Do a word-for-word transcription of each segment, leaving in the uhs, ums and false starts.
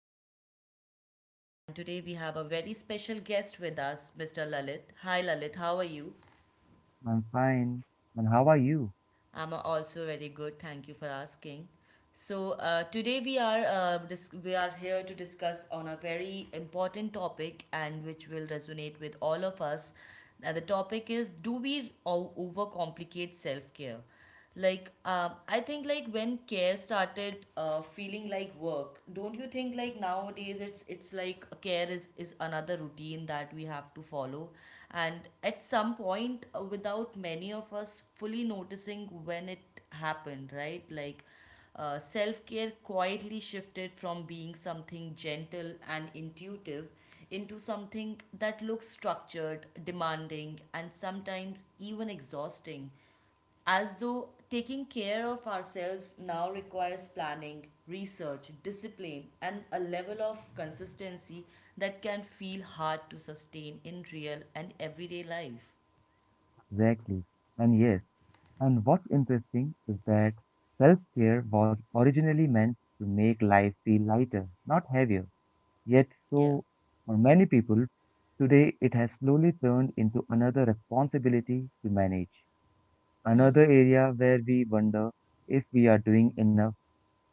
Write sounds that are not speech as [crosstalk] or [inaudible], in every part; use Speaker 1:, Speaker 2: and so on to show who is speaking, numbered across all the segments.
Speaker 1: back to our podcast. And today we have a very special guest with us, mister Lalit. Hi, Lalit, how are you?
Speaker 2: I'm fine. And how are you?
Speaker 1: I'm also very good. Thank you for asking. So, uh, today we are uh, dis- we are here to discuss on a very important topic and which will resonate with all of us. Now, the topic is: do we o- overcomplicate self care? like uh, i think, like, when care started uh, feeling like work, don't you think? Like, nowadays it's it's like care is is another routine that we have to follow. And at some point, uh, without many of us fully noticing when it happened, right? Like uh, self care quietly shifted from being something gentle and intuitive into something that looks structured, demanding, and sometimes even exhausting. As though taking care of ourselves now requires planning, research, discipline, and a level of consistency that can feel hard to sustain in real and everyday life.
Speaker 2: Exactly. And yes, and what's interesting is that self care was originally meant to make life feel lighter, not heavier. Yet,
Speaker 1: Yeah,
Speaker 2: so for many people, today it has slowly turned into another responsibility to manage. Another area where we wonder if we are doing enough,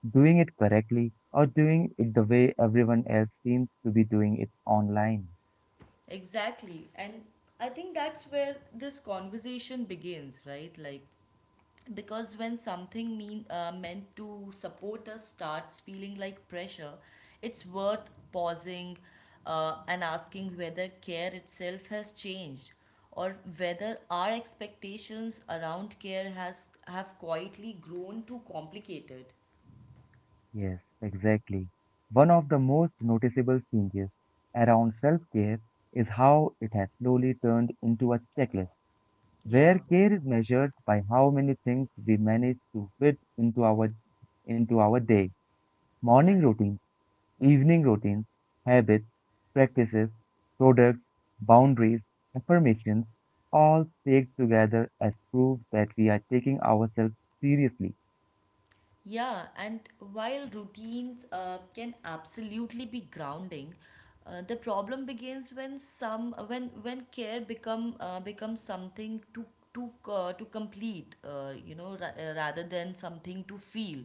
Speaker 2: doing it correctly, or doing it the way everyone else seems to be doing it online.
Speaker 1: exactly. And I think that's where this conversation begins, right? Like, because when something mean uh, meant to support us starts feeling like pressure, it's worth pausing, uh, and asking whether care itself has changed, or whether our expectations around care has have quietly grown too complicated.
Speaker 2: Yes, exactly. One of the most noticeable changes around self-care is how it has slowly turned into a checklist,
Speaker 1: Yeah,
Speaker 2: where care is measured by how many things we manage to fit into our into our day. Morning
Speaker 1: exactly.
Speaker 2: routines, evening routines, habits, practices, products, boundaries, affirmations, all staked together as proof that we are taking ourselves seriously.
Speaker 1: Yeah, and while routines uh, can absolutely be grounding, uh, the problem begins when some when when care become uh, becomes something to to uh, to complete, uh, you know, ra- uh, rather than something to feel,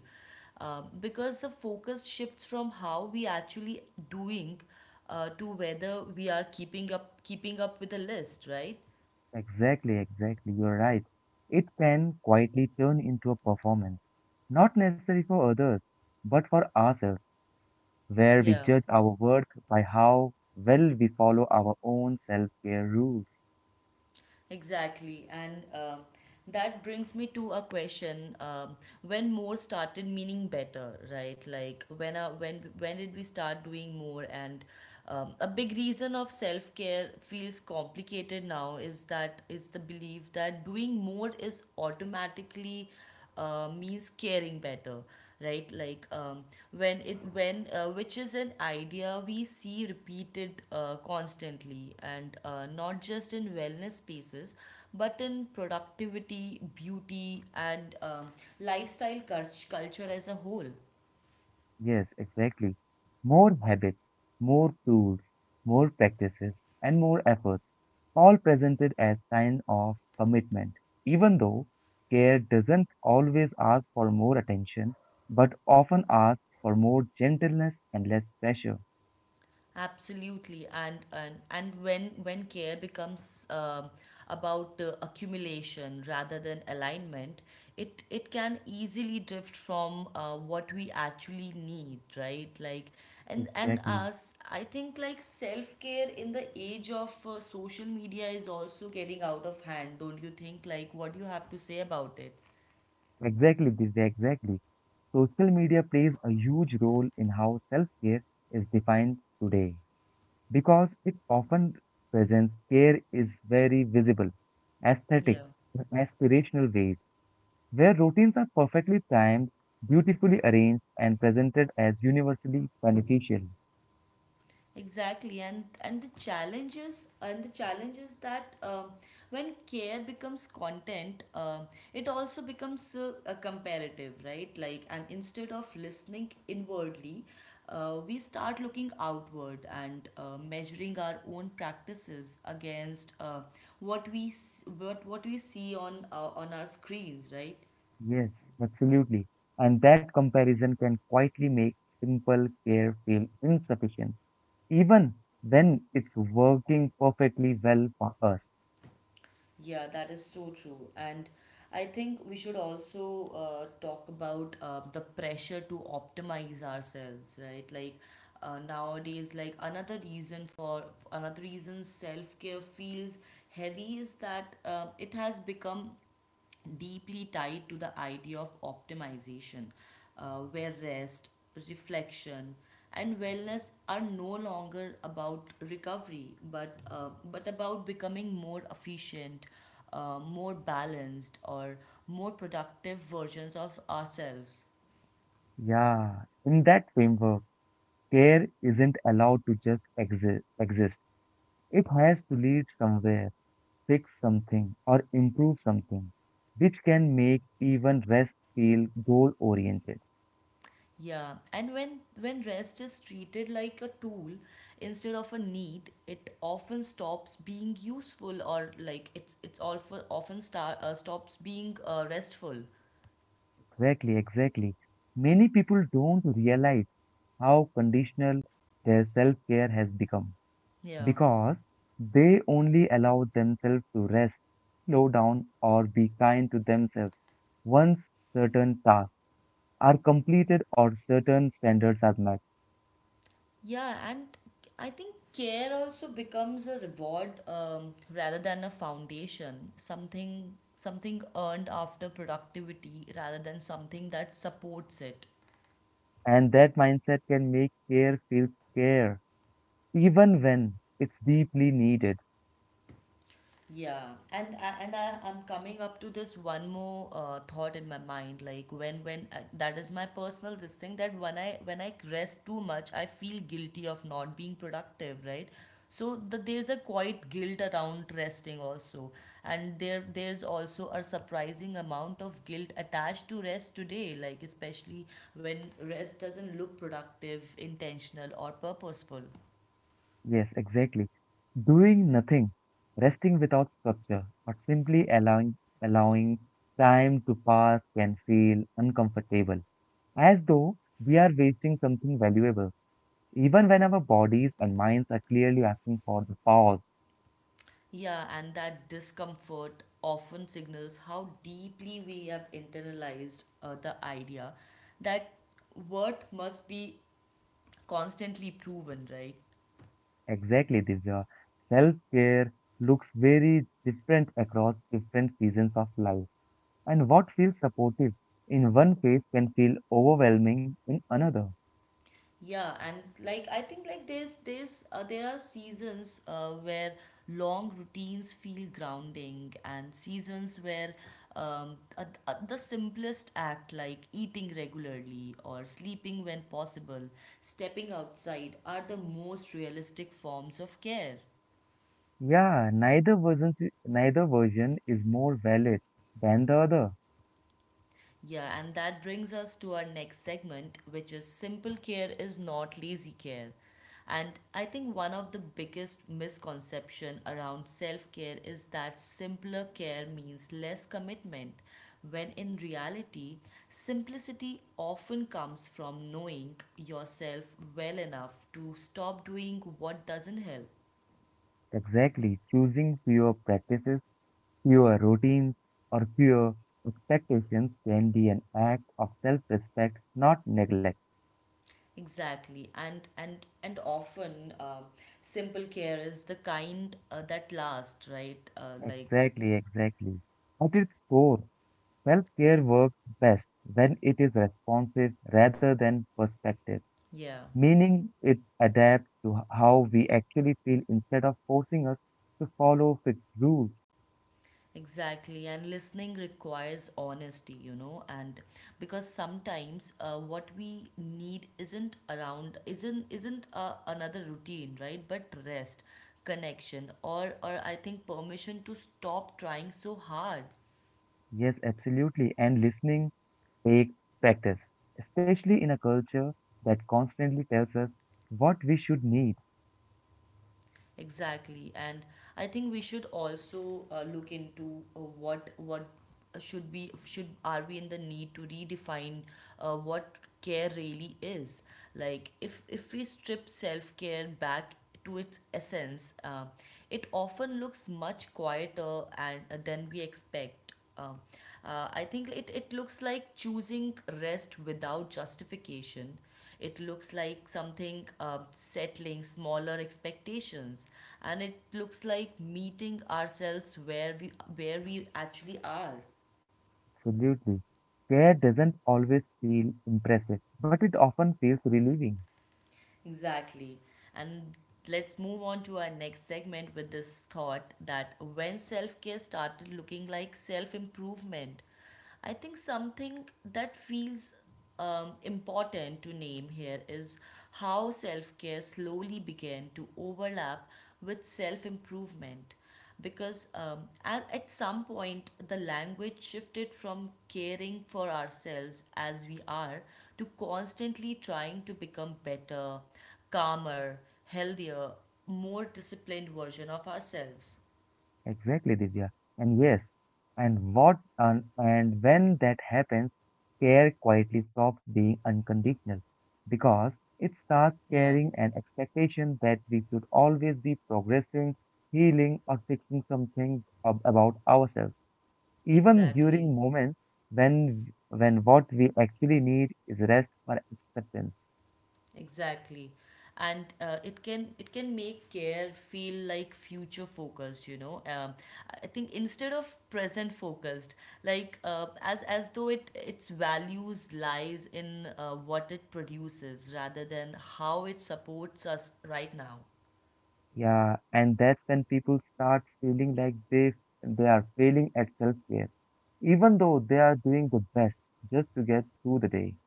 Speaker 1: uh, because the focus shifts from how we actually doing, uh, to whether we are keeping up keeping up with the list, right?
Speaker 2: Exactly, exactly. You're right. It can quietly turn into a performance, not necessary for others, but for ourselves, where we
Speaker 1: Yeah.
Speaker 2: judge our worth by how well we follow our own self-care rules.
Speaker 1: Exactly. And uh, that brings me to a question. Um, when more started meaning better, right? Like, when uh, when when did we start doing more? And um, a big reason of self-care feels complicated now is that is the belief that doing more is automatically uh, means caring better, right? Like um, when it when uh, which is an idea we see repeated uh, constantly, and uh, not just in wellness spaces, but in productivity, beauty, and um, lifestyle cult culture as a whole.
Speaker 2: Yes, exactly. More habits, more tools, more practices, and more efforts, all presented as sign of commitment. Even though care doesn't always ask for more attention, but often asks for more gentleness and less pressure.
Speaker 1: Absolutely, and and and when when care becomes um, about uh, accumulation rather than alignment, it it can easily drift from uh, what we actually need, right? Like, and and
Speaker 2: Exactly.
Speaker 1: us, I think, like, self care in the age of uh, social media is also getting out of hand, don't you think? Like, what do you have to say about it?
Speaker 2: Exactly, Divya, exactly. Social media plays a huge role in how self-care is defined today, because it often presents care is very visible, aesthetic,
Speaker 1: Yeah.
Speaker 2: aspirational ways, where routines are perfectly timed, beautifully arranged, and presented as universally beneficial.
Speaker 1: Exactly, and and the challenges and the challenges that um when care becomes content, um it also becomes uh, a comparative, right? Like, and instead of listening inwardly, uh, we start looking outward, and uh, measuring our own practices against uh, what we s- what what we see on, uh, on our screens, right?
Speaker 2: Yes, absolutely. And that comparison can quietly make simple care feel insufficient, even when it's working perfectly well for us.
Speaker 1: Yeah, that is so true. And I think we should also uh, talk about uh, the pressure to optimize ourselves, right? Like, uh, nowadays, like, another reason for another reason self-care feels heavy is that uh, it has become deeply tied to the idea of optimization, uh, where rest, reflection, and wellness are no longer about recovery, but uh, but about becoming more efficient, uh, more balanced, or more productive versions of ourselves.
Speaker 2: Yeah, in that framework, care isn't allowed to just exi- exist. It has to lead somewhere, fix something, or improve something, which can make even rest feel goal oriented.
Speaker 1: Yeah, and when when rest is treated like a tool instead of a need, it often stops being useful, or like it's it's all for often start uh, stops being uh, restful.
Speaker 2: Exactly, exactly. Many people don't realize how conditional their self care has become
Speaker 1: Yeah.
Speaker 2: because they only allow themselves to rest, slow down, or be kind to themselves once certain tasks are completed or certain standards are met.
Speaker 1: Yeah, and I think care also becomes a reward, um, rather than a foundation, something something earned after productivity rather than something that supports it.
Speaker 2: And that mindset can make care feel care even when it's deeply needed.
Speaker 1: Yeah, and I- and I, I'm coming up to this one more uh, thought in my mind, like when when uh, that is my personal this thing, that when I when I rest too much, I feel guilty of not being productive, right? So the, there's a quite guilt around resting also, and there there's also a surprising amount of guilt attached to rest today, like, especially when rest doesn't look productive, intentional, or purposeful.
Speaker 2: Yes, exactly. Doing nothing, resting without structure, or simply allowing allowing time to pass can feel uncomfortable, as though we are wasting something valuable, even when our bodies and minds are clearly asking for the pause.
Speaker 1: Yeah, and that discomfort often signals how deeply we have internalized uh, the idea that worth must be constantly proven, right?
Speaker 2: Exactly, Divya. Self-care looks very different across different seasons of life, and what feels supportive in one phase can feel overwhelming in another.
Speaker 1: Yeah, and, like, I think, like, there's there's uh, there are seasons uh, where long routines feel grounding, and seasons where um, a, a, the simplest act, like eating regularly, or sleeping when possible, stepping outside are the most realistic forms of care.
Speaker 2: Yeah, neither version, si, neither version is more valid than the other.
Speaker 1: Yeah, and that brings us to our next segment, which is simple care is not lazy care. And I think one of the biggest misconception around self-care is that simpler care means less commitment, when in reality, simplicity often comes from knowing yourself well enough to stop doing what doesn't help.
Speaker 2: Exactly, choosing fewer practices, fewer routines, or fewer expectations can be an act of self-respect, not neglect.
Speaker 1: Exactly, and and and often uh, simple care is the kind uh, that lasts, right? Uh, like,
Speaker 2: Exactly, exactly. At its core, self-care works best when it is responsive rather than perspective,
Speaker 1: yeah,
Speaker 2: meaning it adapts to how we actually feel instead of forcing us to follow fixed rules.
Speaker 1: exactly. And listening requires honesty, you know, and because sometimes uh, what we need isn't around, isn't isn't uh, another routine, right? But rest, connection, or or I think permission to stop trying so hard.
Speaker 2: Yes, absolutely. And listening takes practice, especially in a culture that constantly tells us what we should need.
Speaker 1: Exactly, and I think we should also uh, look into uh, what what should be should are we in the need to redefine uh, what care really is. Like, if if we strip self care back to its essence, uh, it often looks much quieter and uh, than we expect. Um, uh, I think it, it looks like choosing rest without justification. It looks like something uh, settling smaller expectations, and it looks like meeting ourselves where we where we actually are.
Speaker 2: Absolutely. Care doesn't always feel impressive, but it often feels relieving.
Speaker 1: Exactly. And let's move on to our next segment with this thought, that when self care started looking like self improvement, I think something that feels um, important to name here is how self care slowly began to overlap with self improvement. Because um, at, at some point the language shifted from caring for ourselves as we are, to constantly trying to become better, calmer, healthier, more disciplined version of ourselves.
Speaker 2: Exactly, Divya. And yes, and what and, and when that happens, care quietly stops being unconditional because it
Speaker 1: Yeah,
Speaker 2: starts carrying an expectation that we should always be progressing, healing, or fixing something ab- about ourselves, even
Speaker 1: exactly.
Speaker 2: during moments when when what we actually need is rest or acceptance.
Speaker 1: Exactly. And uh, it can it can make care feel like future focused, you know. Um, I think instead of present focused, like, uh, as as though it its values lies in uh, what it produces rather than how it supports us right now.
Speaker 2: Yeah, and that's when people start feeling like they they are failing at self-care, even though they are doing the best just to get through the day.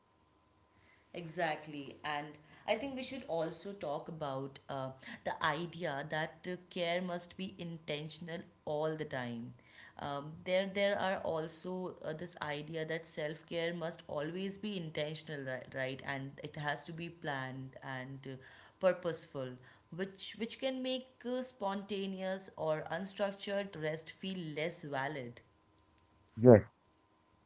Speaker 1: Exactly. And I think we should also talk about uh, the idea that uh, care must be intentional all the time. Um, there, there are also uh, this idea that self care must always be intentional, right, right? And it has to be planned and uh, purposeful, which which can make uh, spontaneous or unstructured rest feel less valid.
Speaker 2: Yes,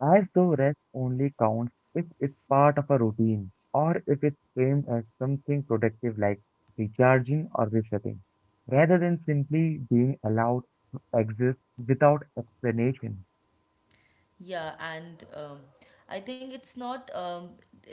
Speaker 2: as though rest only counts if it's part of a routine or if it's framed as something productive like recharging or resetting, rather than simply being allowed to exist without explanation.
Speaker 1: Yeah, and um, I think it's not um,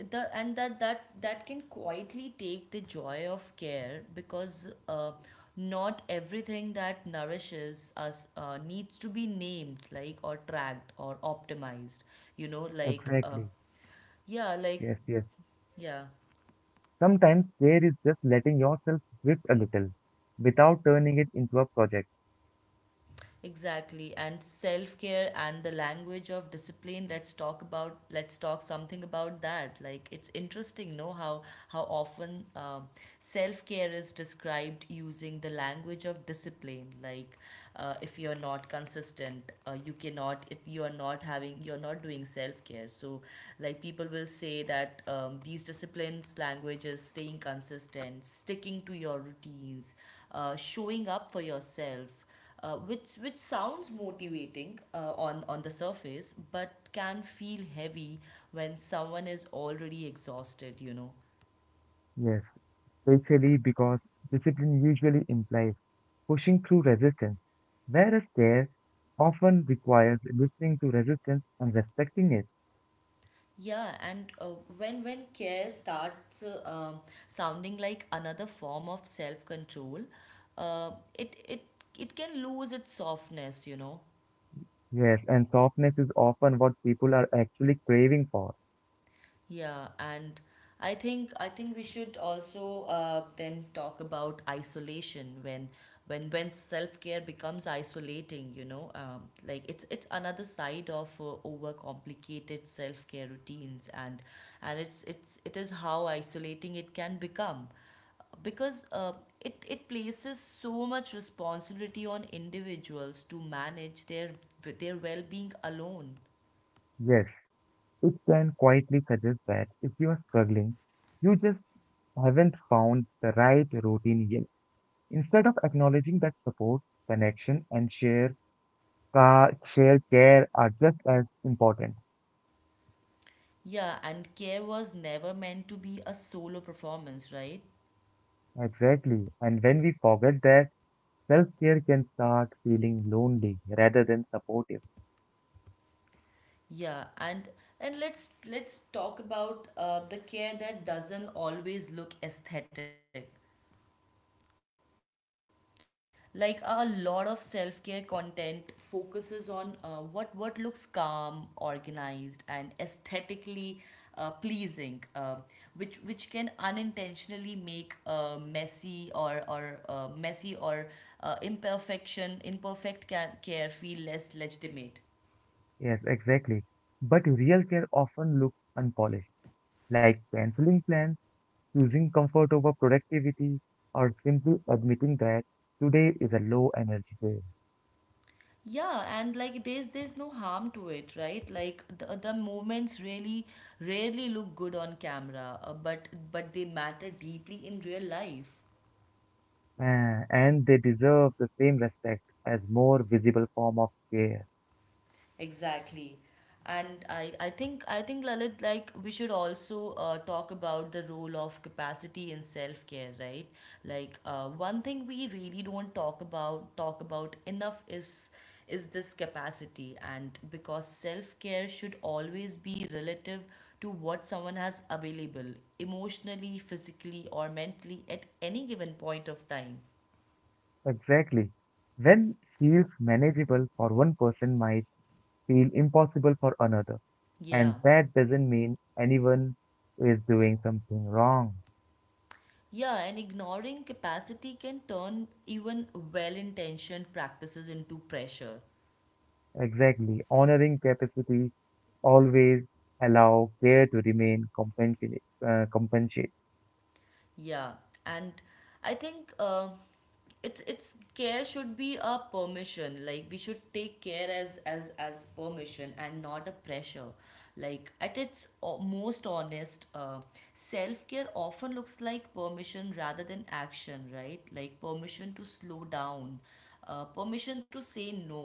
Speaker 1: the and that that that can quietly take the joy of care because uh, not everything that nourishes us uh, needs to be named, like, or tracked or optimized. You know, like, uh,
Speaker 2: Exactly.
Speaker 1: yeah, like,
Speaker 2: Yes, yes.
Speaker 1: yeah.
Speaker 2: Sometimes care is just letting yourself drift a little without turning it into a project.
Speaker 1: Exactly. And self-care and the language of discipline, let's talk about, let's talk something about that. Like, it's interesting, know how how often, um, self-care is described using the language of discipline. Like, uh, if you're not consistent, uh, you cannot, if you are not having, you're not doing self-care. So, like, people will say that, um, these disciplines language is staying consistent, sticking to your routines, uh, showing up for yourself, uh, which which sounds motivating uh, on on the surface, but can feel heavy when someone is already exhausted, you know.
Speaker 2: Yes, especially because discipline usually implies pushing through resistance, whereas care often requires listening to resistance and respecting it.
Speaker 1: Yeah, and uh, when when care starts uh, um, sounding like another form of self control, uh, it it it can lose its softness, you know.
Speaker 2: Yes, and softness is often what people are actually craving for.
Speaker 1: Yeah, and I think I think we should also uh, then talk about isolation, when when when self-care becomes isolating, you know, um, like, it's it's another side of uh, overcomplicated self-care routines, and and it's it's it is how isolating it can become, because uh, it, it places so much responsibility on individuals to manage their their well-being alone.
Speaker 2: Yes, it can quietly suggest that if you are struggling, you just haven't found the right routine yet, instead of acknowledging that support, connection, and share Car, self care are just as important.
Speaker 1: Yeah, and care was never meant to be a solo performance, right?
Speaker 2: Exactly. And when we forget that, self care can start feeling lonely rather than supportive.
Speaker 1: Yeah, and and let's let's talk about uh, the care that doesn't always look aesthetic. Like, a lot of self-care content focuses on uh, what what looks calm, organized, and aesthetically uh, pleasing, uh, which which can unintentionally make uh, messy or or uh, messy or uh, imperfection imperfect ca- care feel less legitimate.
Speaker 2: Yes, exactly. But real care often looks unpolished, like canceling plans, choosing comfort over productivity, or simply admitting that today is a low energy day.
Speaker 1: Yeah, and, like, there's there's no harm to it, right? Like, the the moments really rarely look good on camera, uh, but but they matter deeply in real life.
Speaker 2: Ah, and they deserve the same respect as more visible form of care.
Speaker 1: Exactly. And I, I think I think Lalit, like, we should also uh, talk about the role of capacity in self-care, right? Like, uh, one thing we really don't talk about talk about enough is is this capacity, and because self-care should always be relative to what someone has available emotionally, physically or mentally at any given point of time.
Speaker 2: Exactly. When feels manageable for one person might feel impossible for another. And
Speaker 1: Yeah.
Speaker 2: that doesn't mean anyone is doing something wrong.
Speaker 1: Yeah, and ignoring capacity can turn even well intentioned practices into pressure.
Speaker 2: Exactly. Honoring capacity always allow care to remain compensate, uh, compensate.
Speaker 1: Yeah, and I think uh, it's it's care should be a permission. Like we should take care as as as permission and not a pressure. Like at its o- most honest, uh, self care often looks like permission rather than action, right? Like permission to slow down, uh, permission to say no,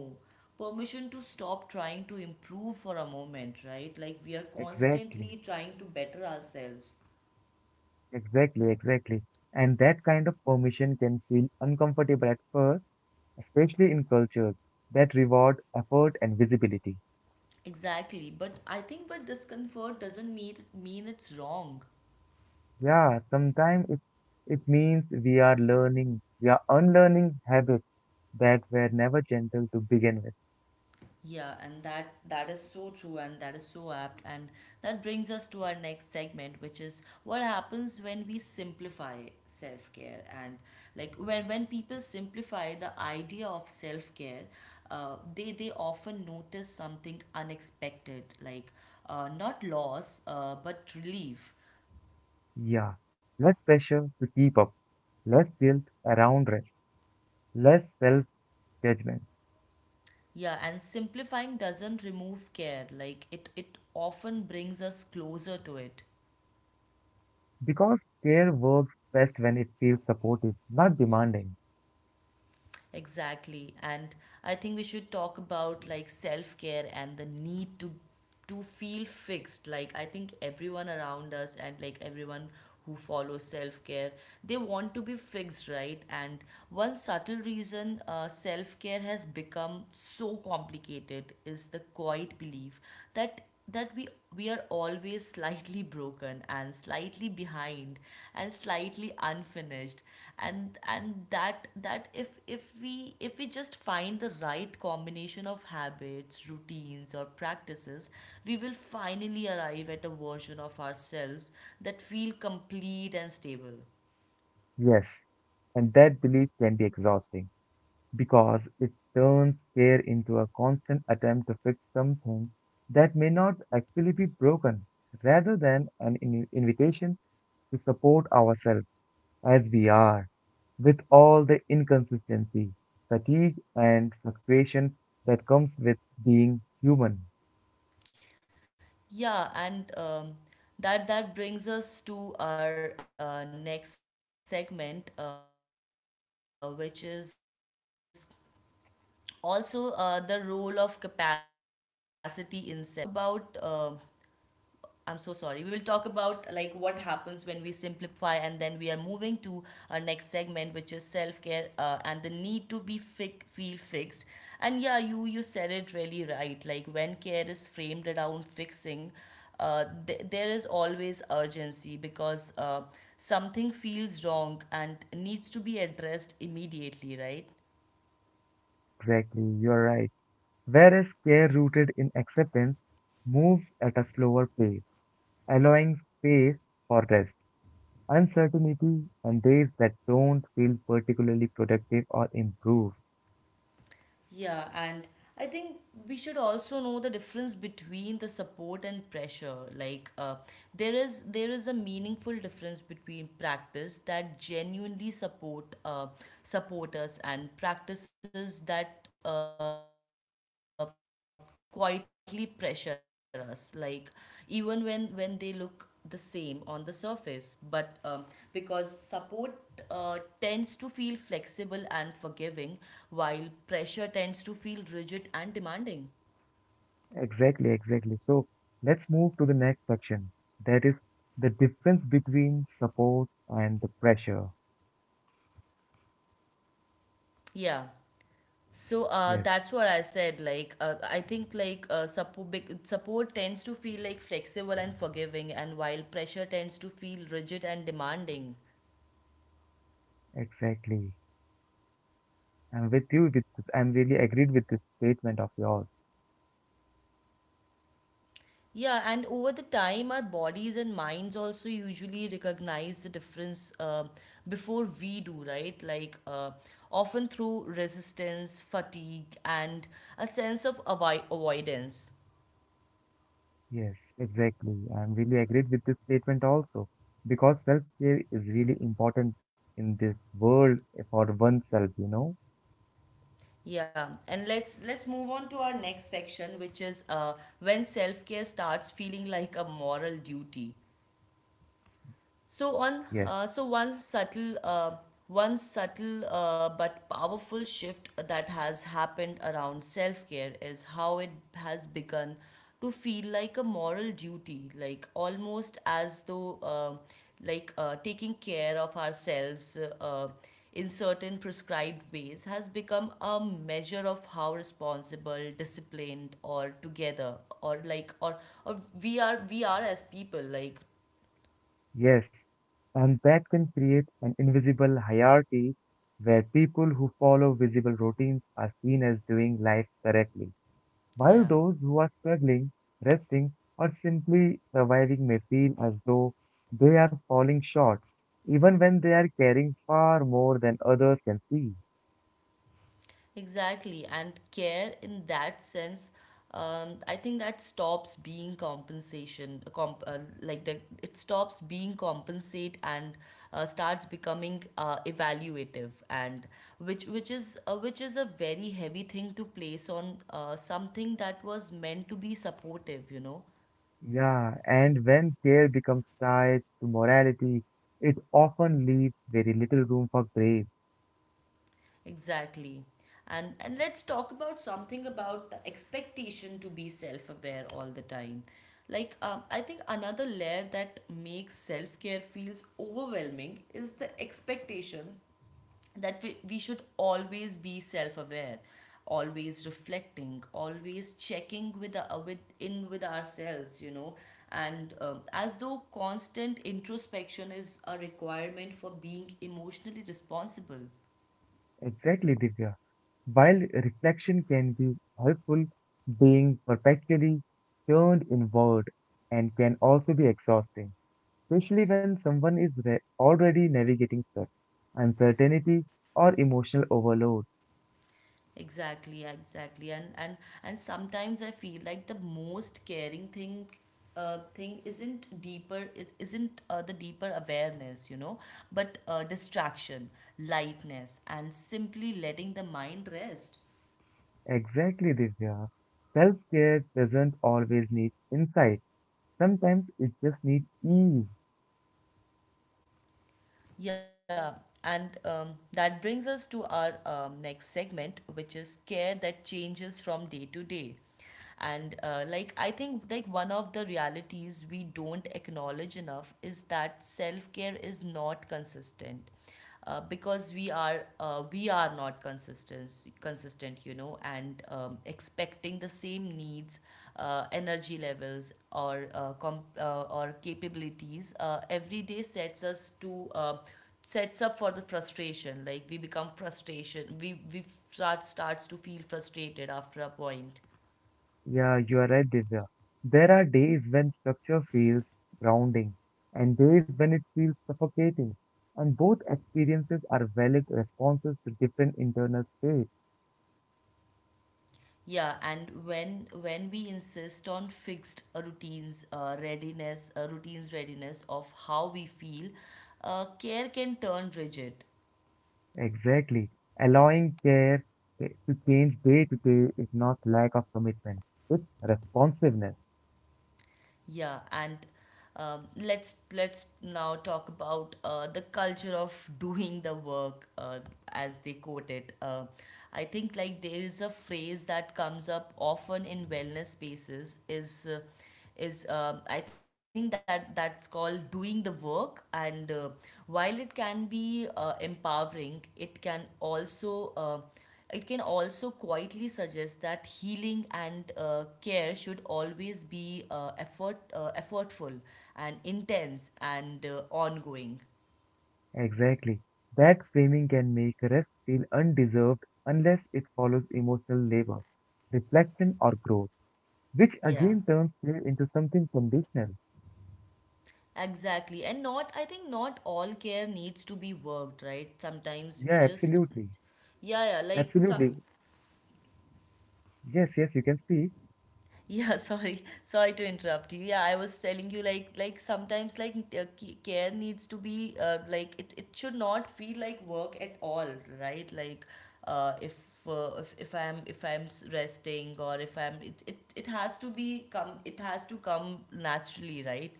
Speaker 1: permission to stop trying to improve for a moment, right? Like we are
Speaker 2: Exactly.
Speaker 1: constantly trying to better ourselves.
Speaker 2: Exactly. Exactly. And that kind of permission can feel uncomfortable at first, especially in cultures that reward effort and visibility.
Speaker 1: Exactly, but I think but discomfort doesn't mean mean it's wrong.
Speaker 2: Yeah, sometimes it, it means we are learning, we are unlearning habits that were never gentle to begin with.
Speaker 1: Yeah, and that that is so true and that is so apt and that brings us to our next segment, which is what happens when we simplify self-care. And like when when people simplify the idea of self-care, uh, they they often notice something unexpected, like uh, not loss, uh, but relief.
Speaker 2: Yeah, less pressure to keep up, less guilt around rest, less self judgment.
Speaker 1: Yeah, and simplifying doesn't remove care. Like it it often brings us closer to it.
Speaker 2: Because care works best when it feels supportive, not demanding.
Speaker 1: Exactly. And I think we should talk about like self-care and the need to to feel fixed. Like I think everyone around us and like everyone who follows self-care, they want to be fixed, right? And one subtle reason uh, self-care has become so complicated is the quiet belief that that we we are always slightly broken and slightly behind and slightly unfinished, and and that that if if we if we just find the right combination of habits, routines or practices, we will finally arrive at a version of ourselves that feel complete and stable.
Speaker 2: Yes, and that belief can be exhausting because it turns care into a constant attempt to fix something that may not actually be broken rather than an in- invitation to support ourselves as we are, with all the inconsistency, fatigue, and fluctuation that comes with being human.
Speaker 1: Yeah, and um, that that brings us to our uh, next segment, uh, which is also uh, the role of capacity in self care. And uh, uh, so uh, we will talk about um I'm so sorry. We will talk about like what happens when we simplify, and then we are moving to our next segment, which is self care, uh, and the need to be fi- feel fixed. And yeah, you you said it really right. Like when care is framed around fixing, uh, th- there is always urgency because uh, something feels wrong and needs to be addressed immediately, right?
Speaker 2: Exactly, you're right. Whereas care rooted in acceptance moves at a slower pace, allowing space for rest, uncertainty, and days that don't feel particularly productive or improve.
Speaker 1: Yeah, and I think we should also know the difference between the support and pressure. Like, uh, there is there is a meaningful difference between practice that genuinely support, uh, support us, and practices that uh, quietly pressure us. Like, even when when they look the same on the surface, but um, because support uh, tends to feel flexible and forgiving, while pressure tends to feel rigid and demanding.
Speaker 2: Exactly, exactly. So let's move to the next section. That is the difference between support and the pressure.
Speaker 1: Yeah. So uh,
Speaker 2: Yes.
Speaker 1: that's what I said. Like, uh, I think like uh, suppo- big- support tends to feel like flexible and forgiving, and while pressure tends to feel rigid and demanding.
Speaker 2: Exactly. I'm with you with this. I'm really agreed with this statement of yours.
Speaker 1: Yeah, and over the time, our bodies and minds also usually recognize the difference uh, before we do, right? Like, uh, often through resistance, fatigue, and a sense of avoid avoidance.
Speaker 2: Yes, exactly. I'm really agreed with this statement also because self-care is really important in this world for oneself, you know?
Speaker 1: Yeah, and let's let's move on to our next section, which is uh, when self care starts feeling like a moral duty. So on,
Speaker 2: Yes,
Speaker 1: uh, so one subtle, uh, one subtle uh, but powerful shift that has happened around self-care is how it has begun to feel like a moral duty, like almost as though, uh, like uh, taking care of ourselves uh, in certain prescribed ways has become a measure of how responsible, disciplined, or together, or like, or or we are we are as people, like,
Speaker 2: yes. And that can create an invisible hierarchy where people who follow visible routines are seen as doing life correctly, while
Speaker 1: yeah.
Speaker 2: those who are struggling, resting, or simply surviving may feel as though they are falling short, even when they are caring far more than others can see.
Speaker 1: Exactly, and care in that sense, um, I think that stops being compensation, uh, comp, uh, like that it stops being compensate, and uh, starts becoming uh, evaluative, and which which is uh, which is a very heavy thing to place on uh, something that was meant to be supportive, you know.
Speaker 2: Yeah, and when care becomes tied to morality, it often leaves very little room for grace.
Speaker 1: Exactly. And and let's talk about something about the expectation to be self-aware all the time. Like um, I think another layer that makes self-care feels overwhelming is the expectation that we, we should always be self-aware, always reflecting, always checking with the, uh, with in with ourselves, you know. And um, as though constant introspection is a requirement for being emotionally responsible.
Speaker 2: Exactly, Divya. While reflection can be helpful, being perpetually turned inward and can also be exhausting, especially when someone is re- already navigating stress, uncertainty, or emotional overload.
Speaker 1: Exactly, yeah, exactly. And and and sometimes I feel like the most caring thing uh, thing isn't deeper, it isn't uh, the deeper awareness, you know, but uh, distraction, lightness, and simply letting the mind rest.
Speaker 2: Exactly, Divya. Self care doesn't always need insight, sometimes it just needs ease.
Speaker 1: Yeah, and um, that brings us to our um, next segment, which is care that changes from day to day. And uh, like I think like one of the realities we don't acknowledge enough is that self-care is not consistent uh, because we are uh, we are not consistent consistent, you know, and um, expecting the same needs, uh, energy levels, or uh, com- uh, or capabilities uh, every day sets us to uh, sets up for the frustration. Like we become frustration we we start starts to feel frustrated after a point.
Speaker 2: Yeah, you are right, Divya. There are days when structure feels grounding and days when it feels suffocating, and both experiences are valid responses to different internal states.
Speaker 1: Yeah, and when when we insist on fixed uh, routines, uh, readiness, uh, routines, readiness of how we feel, uh, care can turn rigid.
Speaker 2: Exactly. Allowing care to change day to day is not lack of commitment, it's responsiveness.
Speaker 1: Yeah, and um, let's let's now talk about uh, the culture of doing the work, uh, as they quote it. Uh, I think like there is a phrase that comes up often in wellness spaces is. Uh, is uh, I think that that's called doing the work, and uh, while it can be uh, empowering, it can also uh, it can also quietly suggest that healing and uh, care should always be uh, effort, uh, effortful and intense and uh, ongoing.
Speaker 2: Exactly. That framing can make rest feel undeserved unless it follows emotional labor, reflection, or growth, which
Speaker 1: Yeah,
Speaker 2: again turns play into something conditional.
Speaker 1: exactly. And not, I think, not all care needs to be worked, right? Sometimes we
Speaker 2: Yeah,
Speaker 1: just
Speaker 2: absolutely.
Speaker 1: yeah, yeah, like some.
Speaker 2: Absolutely. Yes, yes, you can speak.
Speaker 1: Yeah, [laughs] sorry, sorry to interrupt you. Yeah, I was telling you like like sometimes like uh, ca- care needs to be uh, like it, it should not feel like work at all, right? Like uh, if, uh, if if I'm if I'm s- resting, or if I'm it, it it has to be come it has to come naturally, right?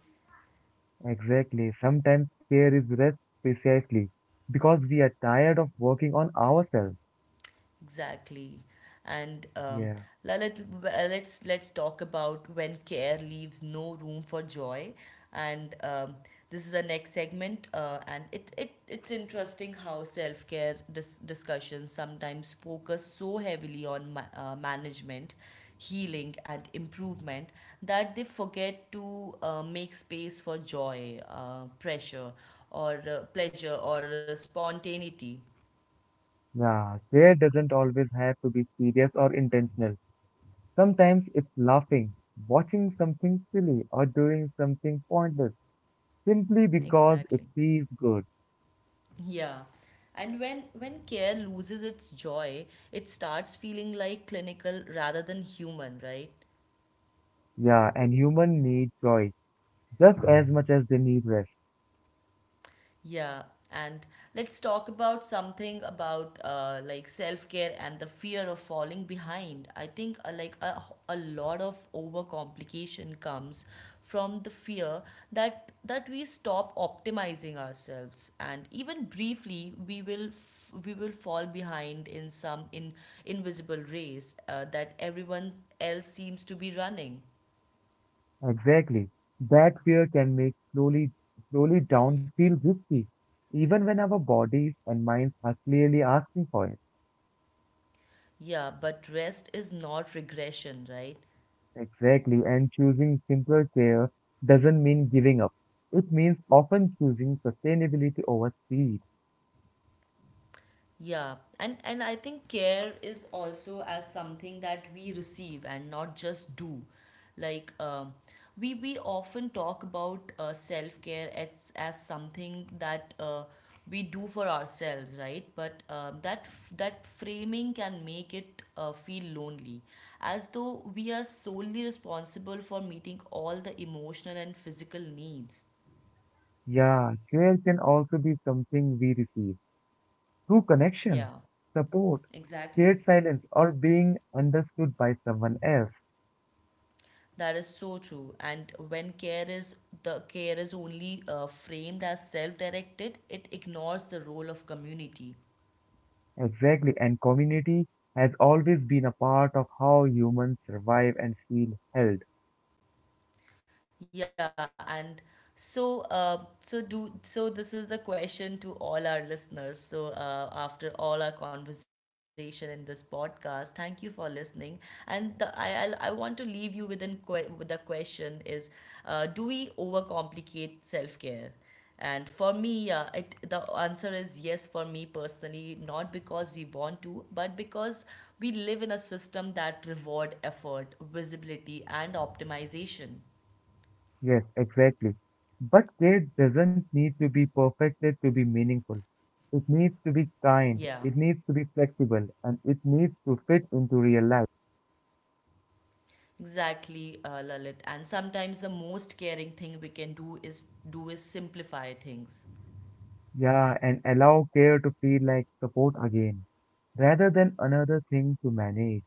Speaker 2: Exactly. Sometimes care is rest precisely because we are tired of working on ourselves.
Speaker 1: Exactly. And um,
Speaker 2: Yeah.
Speaker 1: la- let, uh, let's let's talk about when care leaves no room for joy. And um, this is the next segment. Uh, and it, it it's interesting how self-care dis- discussions sometimes focus so heavily on ma- uh, management, healing, and improvement, that they forget to uh, make space for joy, uh, pressure, or uh, pleasure, or uh, spontaneity.
Speaker 2: Yeah, care doesn't always have to be serious or intentional. Sometimes it's laughing, watching something silly, or doing something pointless simply because
Speaker 1: Exactly.
Speaker 2: it feels good.
Speaker 1: Yeah. And when, when care loses its joy, it starts feeling like clinical rather than human, right?
Speaker 2: Yeah, and human need joy just as much as they need rest.
Speaker 1: Yeah, and let's talk about something about uh, like self-care and the fear of falling behind. I think uh, like a, a lot of overcomplication comes from the fear that that we stop optimizing ourselves, and even briefly we will f- we will fall behind in some in invisible race uh, that everyone else seems to be running.
Speaker 2: Exactly. That fear can make slowly, slowly down feel risky, even when our bodies and minds are clearly asking for it.
Speaker 1: Yeah, but rest is not regression, right?
Speaker 2: Exactly, and choosing simpler care doesn't mean giving up. It means often choosing sustainability over speed.
Speaker 1: Yeah, and and I think care is also as something that we receive and not just do. Like um, we we often talk about uh, self care as as something that uh, we do for ourselves, right? But um, that f- that framing can make it uh, feel lonely, as though we are solely responsible for meeting all the emotional and physical needs.
Speaker 2: Yeah, care can also be something we receive through connection,
Speaker 1: Yeah,
Speaker 2: support,
Speaker 1: exactly.
Speaker 2: shared silence, or being understood by someone else.
Speaker 1: That is so true. And when care is the care is only uh, framed as self-directed, it ignores the role of community.
Speaker 2: Exactly, and community has always been a part of how humans survive and feel held.
Speaker 1: Yeah, and so uh, so do so this is the question to all our listeners. So uh, after all our conversation in this podcast, thank you for listening. And the I I'll, I want to leave you with an que- with a question is, uh, do we overcomplicate self care? And for me, yeah, it the answer is yes for me personally, not because we want to, but because we live in a system that reward effort, visibility, and optimization.
Speaker 2: Yes, exactly. But care doesn't need to be perfected to be meaningful. It needs to be kind,
Speaker 1: Yeah.
Speaker 2: it needs to be flexible, and it needs to fit into real life.
Speaker 1: Exactly, uh, Lalit. And sometimes the most caring thing we can do is do is simplify things.
Speaker 2: Yeah, and allow care to feel like support again, rather than another thing to manage.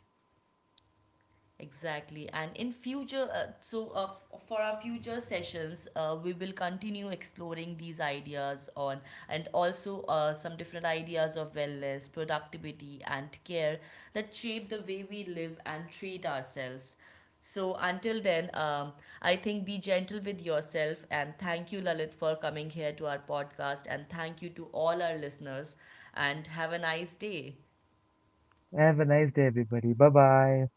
Speaker 1: Exactly. And in future, uh, so uh, f- for our future sessions, uh, we will continue exploring these ideas on, and also uh, some different ideas of wellness, productivity, and care that shape the way we live and treat ourselves. So until then, um, I think be gentle with yourself, and thank you, Lalit, for coming here to our podcast, and thank you to all our listeners, and have a nice day.
Speaker 2: Have a nice day, everybody. Bye bye.